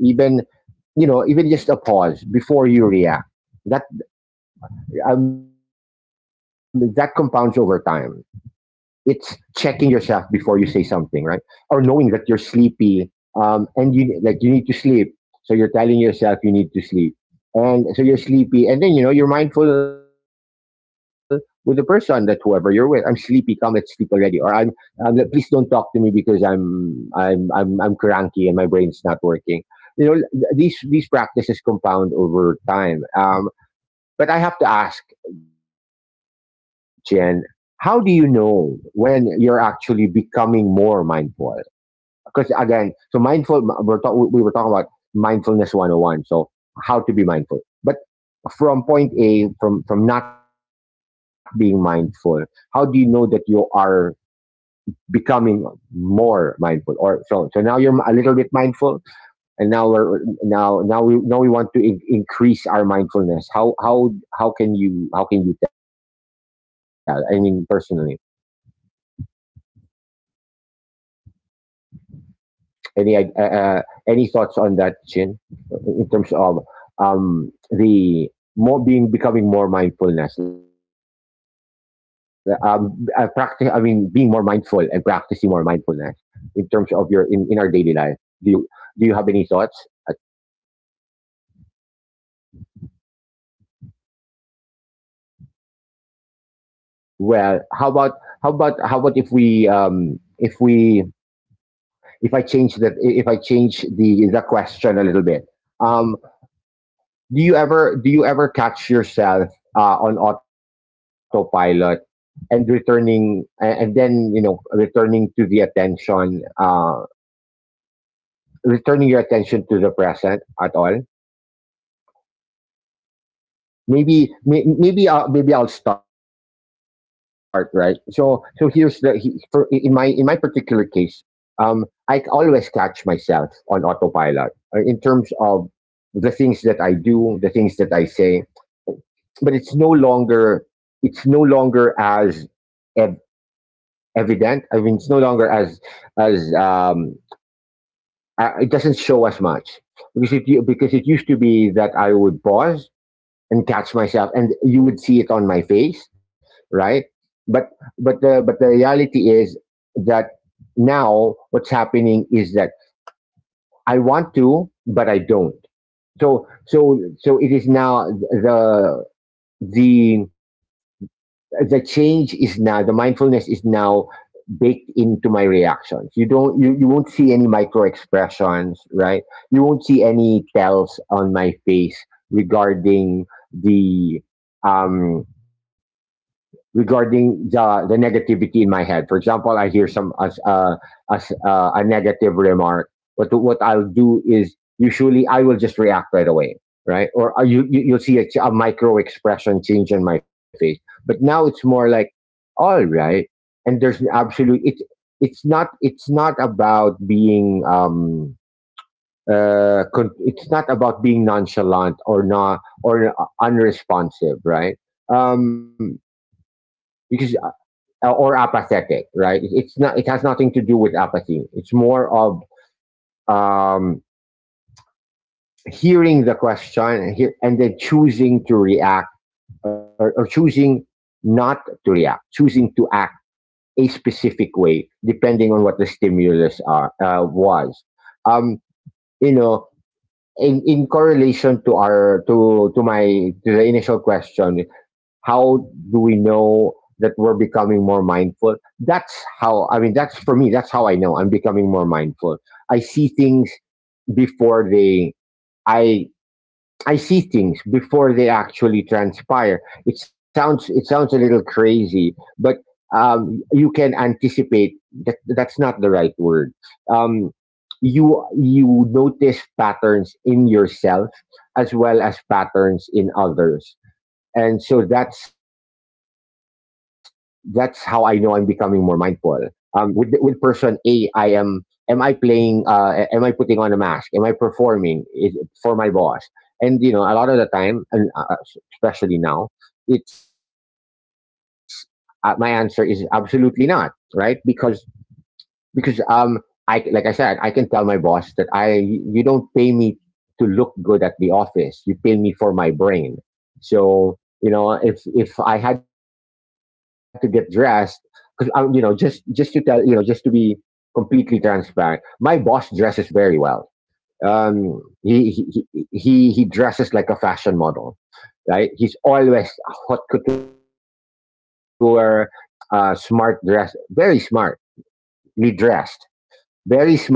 [SPEAKER 1] even just a pause before you react, that, that compounds over time. It's checking yourself before you say something, right? Or knowing that you're sleepy, and you like you need to sleep, so you're telling yourself you need to sleep, and so you're sleepy, and then you know you're mindful with the person that whoever you're with. I'm sleepy. Come, let's sleep already. Or I'm, please don't talk to me because I'm cranky and my brain's not working. You know, these practices compound over time. But I have to ask, Jen, how do you know when you're actually becoming more mindful? Because again, so mindful, we were talking about mindfulness 101. So how to be mindful. But from point A, from not being mindful, how do you know that you are becoming more mindful? Or so, so now you're a little bit mindful and now we're now we want to increase our mindfulness. How how can you, how can you tell? I mean personally, any, any thoughts on that, Chin, in terms of, the more being becoming more mindfulness, I practice, I mean being more mindful and practicing more mindfulness in terms of your, in our daily life, do you, do you have any thoughts? Well, how about, how about if we, if I change that, if I change the question a little bit. Um do you ever, do you ever catch yourself, on autopilot and returning, a- and then you know returning to the attention, returning your attention to the present at all? Maybe, maybe I'll start, right. So so here's the, for in my, in my particular case, um, I always catch myself on autopilot, in terms of the things that I do, the things that I say, but it's no longer, it's no longer as ev- evident. I mean, it's no longer as, it doesn't show as much because because it used to be that I would pause and catch myself and you would see it on my face, right, but, but the reality is that now what's happening is that I want to but I don't. So it is now the the change is now, the mindfulness is now baked into my reactions. You don't, you won't see any micro expressions, right, you won't see any tells on my face regarding the, um regarding the negativity in my head. For example, I hear some, as a negative remark. What I'll do is usually I will just react right away, right? Or, you you'll see a, a micro expression change in my face. But now it's more like, all right, and there's an absolute, it's not, it's not about being, it's not about being nonchalant or not or, unresponsive, right, um because, or apathetic, right? It's not. It has nothing to do with apathy. It's more of, um, hearing the question and, and then choosing to react, or choosing not to react, choosing to act a specific way depending on what the stimulus are, was. Um, you know, in correlation to our, to the initial question, how do we know that we're becoming more mindful? That's how, I mean, that's for me, that's how I know I'm becoming more mindful. I see things before they, i I see things before they actually transpire. It sounds a little crazy, but, you can anticipate, that, that's not the right word. Um, you you notice patterns in yourself as well as patterns in others, and so that's how I know I'm becoming more mindful. With person A, I am. Am I playing? Am I putting on a mask? Am I performing, is, for my boss? And you know, a lot of the time, and, especially now, it's, my answer is absolutely not, right, because, because um I, like I said, I can tell my boss that I, you don't pay me to look good at the office. You pay me for my brain. So you know, if I had to get dressed because, just to tell, just to be completely transparent, my boss dresses very well. He dresses like a fashion model. Right, he's always haute couture, smart dress, very smartly dressed, very smartly dressed.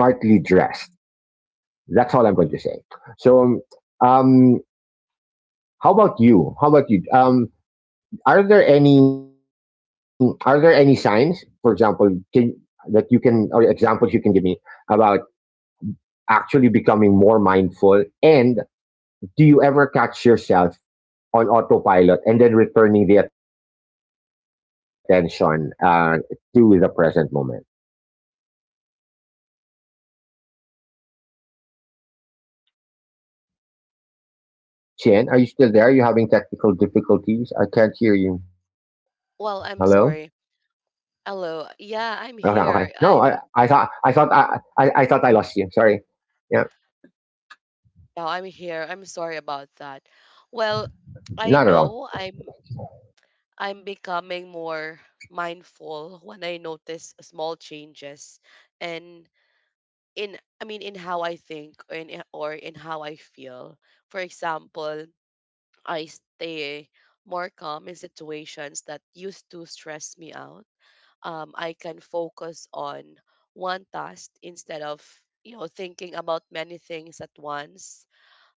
[SPEAKER 1] That's all I'm going to say. So, um, how about you? How about you? Are there any, are there any signs, for example, can, that you can, or examples you can give me about actually becoming more mindful? And do you ever catch yourself on autopilot and then returning the attention, to the present moment? Chin, are you still there? Are you having technical difficulties? I can't hear you. Hello.
[SPEAKER 2] Well, I'm sorry.
[SPEAKER 1] Okay,
[SPEAKER 2] Hello.
[SPEAKER 1] okay.
[SPEAKER 2] Yeah,
[SPEAKER 1] No,
[SPEAKER 2] I'm
[SPEAKER 1] I,
[SPEAKER 2] here.
[SPEAKER 1] I thought, I thought I lost you. Sorry. Yeah,
[SPEAKER 2] I'm here. I'm sorry about that. Well,
[SPEAKER 1] not at
[SPEAKER 2] I
[SPEAKER 1] all.
[SPEAKER 2] know I'm becoming more mindful when I notice small changes and in I mean in how I think or in how I feel. For example, I stay more calm in situations that used to stress me out. I can focus on one task instead of, you know, thinking about many things at once.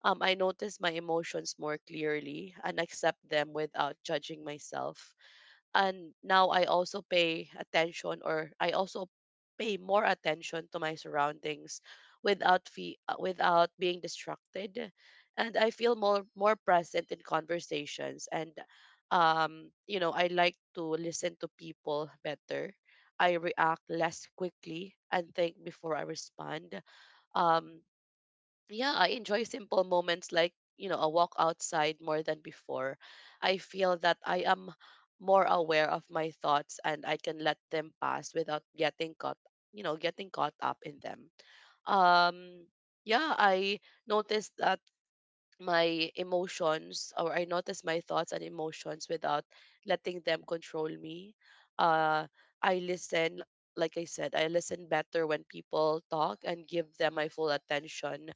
[SPEAKER 2] I notice my emotions more clearly and accept them without judging myself. And now I also pay attention, or I also pay more attention to my surroundings without being distracted, and I feel more present in conversations, and, um, you know, I like to listen to people better. I react less quickly and think before I respond. Um, yeah, I enjoy simple moments like, you know, a walk outside more than before. I feel that I am more aware of my thoughts and I can let them pass without getting caught, you know, getting caught up in them. Um, yeah, noticed that I notice my thoughts and emotions without letting them control me. Uh, I listen, like I said, I listen better when people talk and give them my full attention.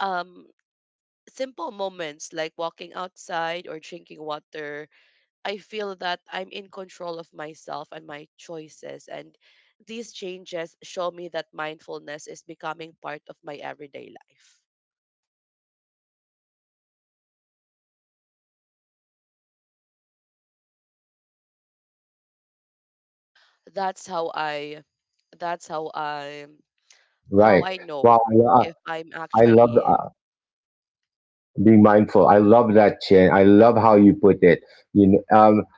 [SPEAKER 2] Um, simple moments like walking outside or drinking water, I feel that I'm in control of myself and my choices. And these changes show me that mindfulness is becoming part of my everyday life. That's how I how
[SPEAKER 1] Right.
[SPEAKER 2] I know
[SPEAKER 1] Well,
[SPEAKER 2] if I'm
[SPEAKER 1] I love,
[SPEAKER 2] actually
[SPEAKER 1] be mindful. I love that, Chin. I love how you put it. You know,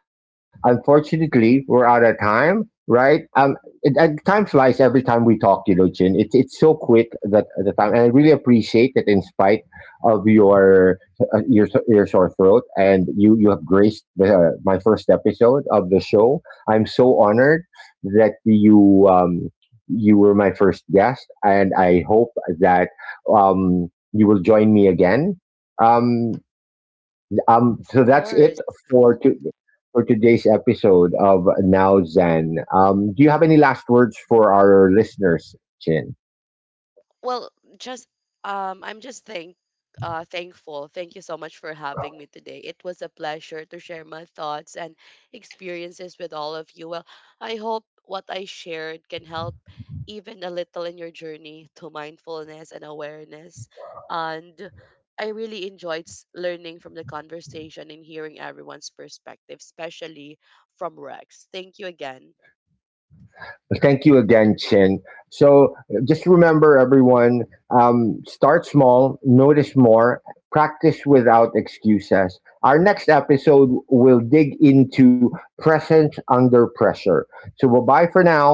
[SPEAKER 1] unfortunately, we're out of time, right? And time flies every time we talk, you know, Chin. It's so quick that the time, and I really appreciate that. In spite of your, your sore throat, and you have graced the, my first episode of the show. I'm so honored that you, you were my first guest, and I hope that, um you will join me again, um,
[SPEAKER 2] of
[SPEAKER 1] so that's it
[SPEAKER 2] course.
[SPEAKER 1] for to, for today's episode of Now Zen. Do you have any last words for our listeners, Chin?
[SPEAKER 2] Well, just I'm just thank thankful. Thank you so much for having me today. It was a pleasure to share my thoughts and experiences with all of you. Well, I hope what I shared can help even a little in your journey to mindfulness and awareness. And I really enjoyed learning from the conversation and hearing everyone's perspective, especially from Rex. Thank you again.
[SPEAKER 1] Well, thank you again, Chin. So just remember, everyone, start small, notice more, practice without excuses. Our next episode will dig into presence under pressure. So, bye bye for now.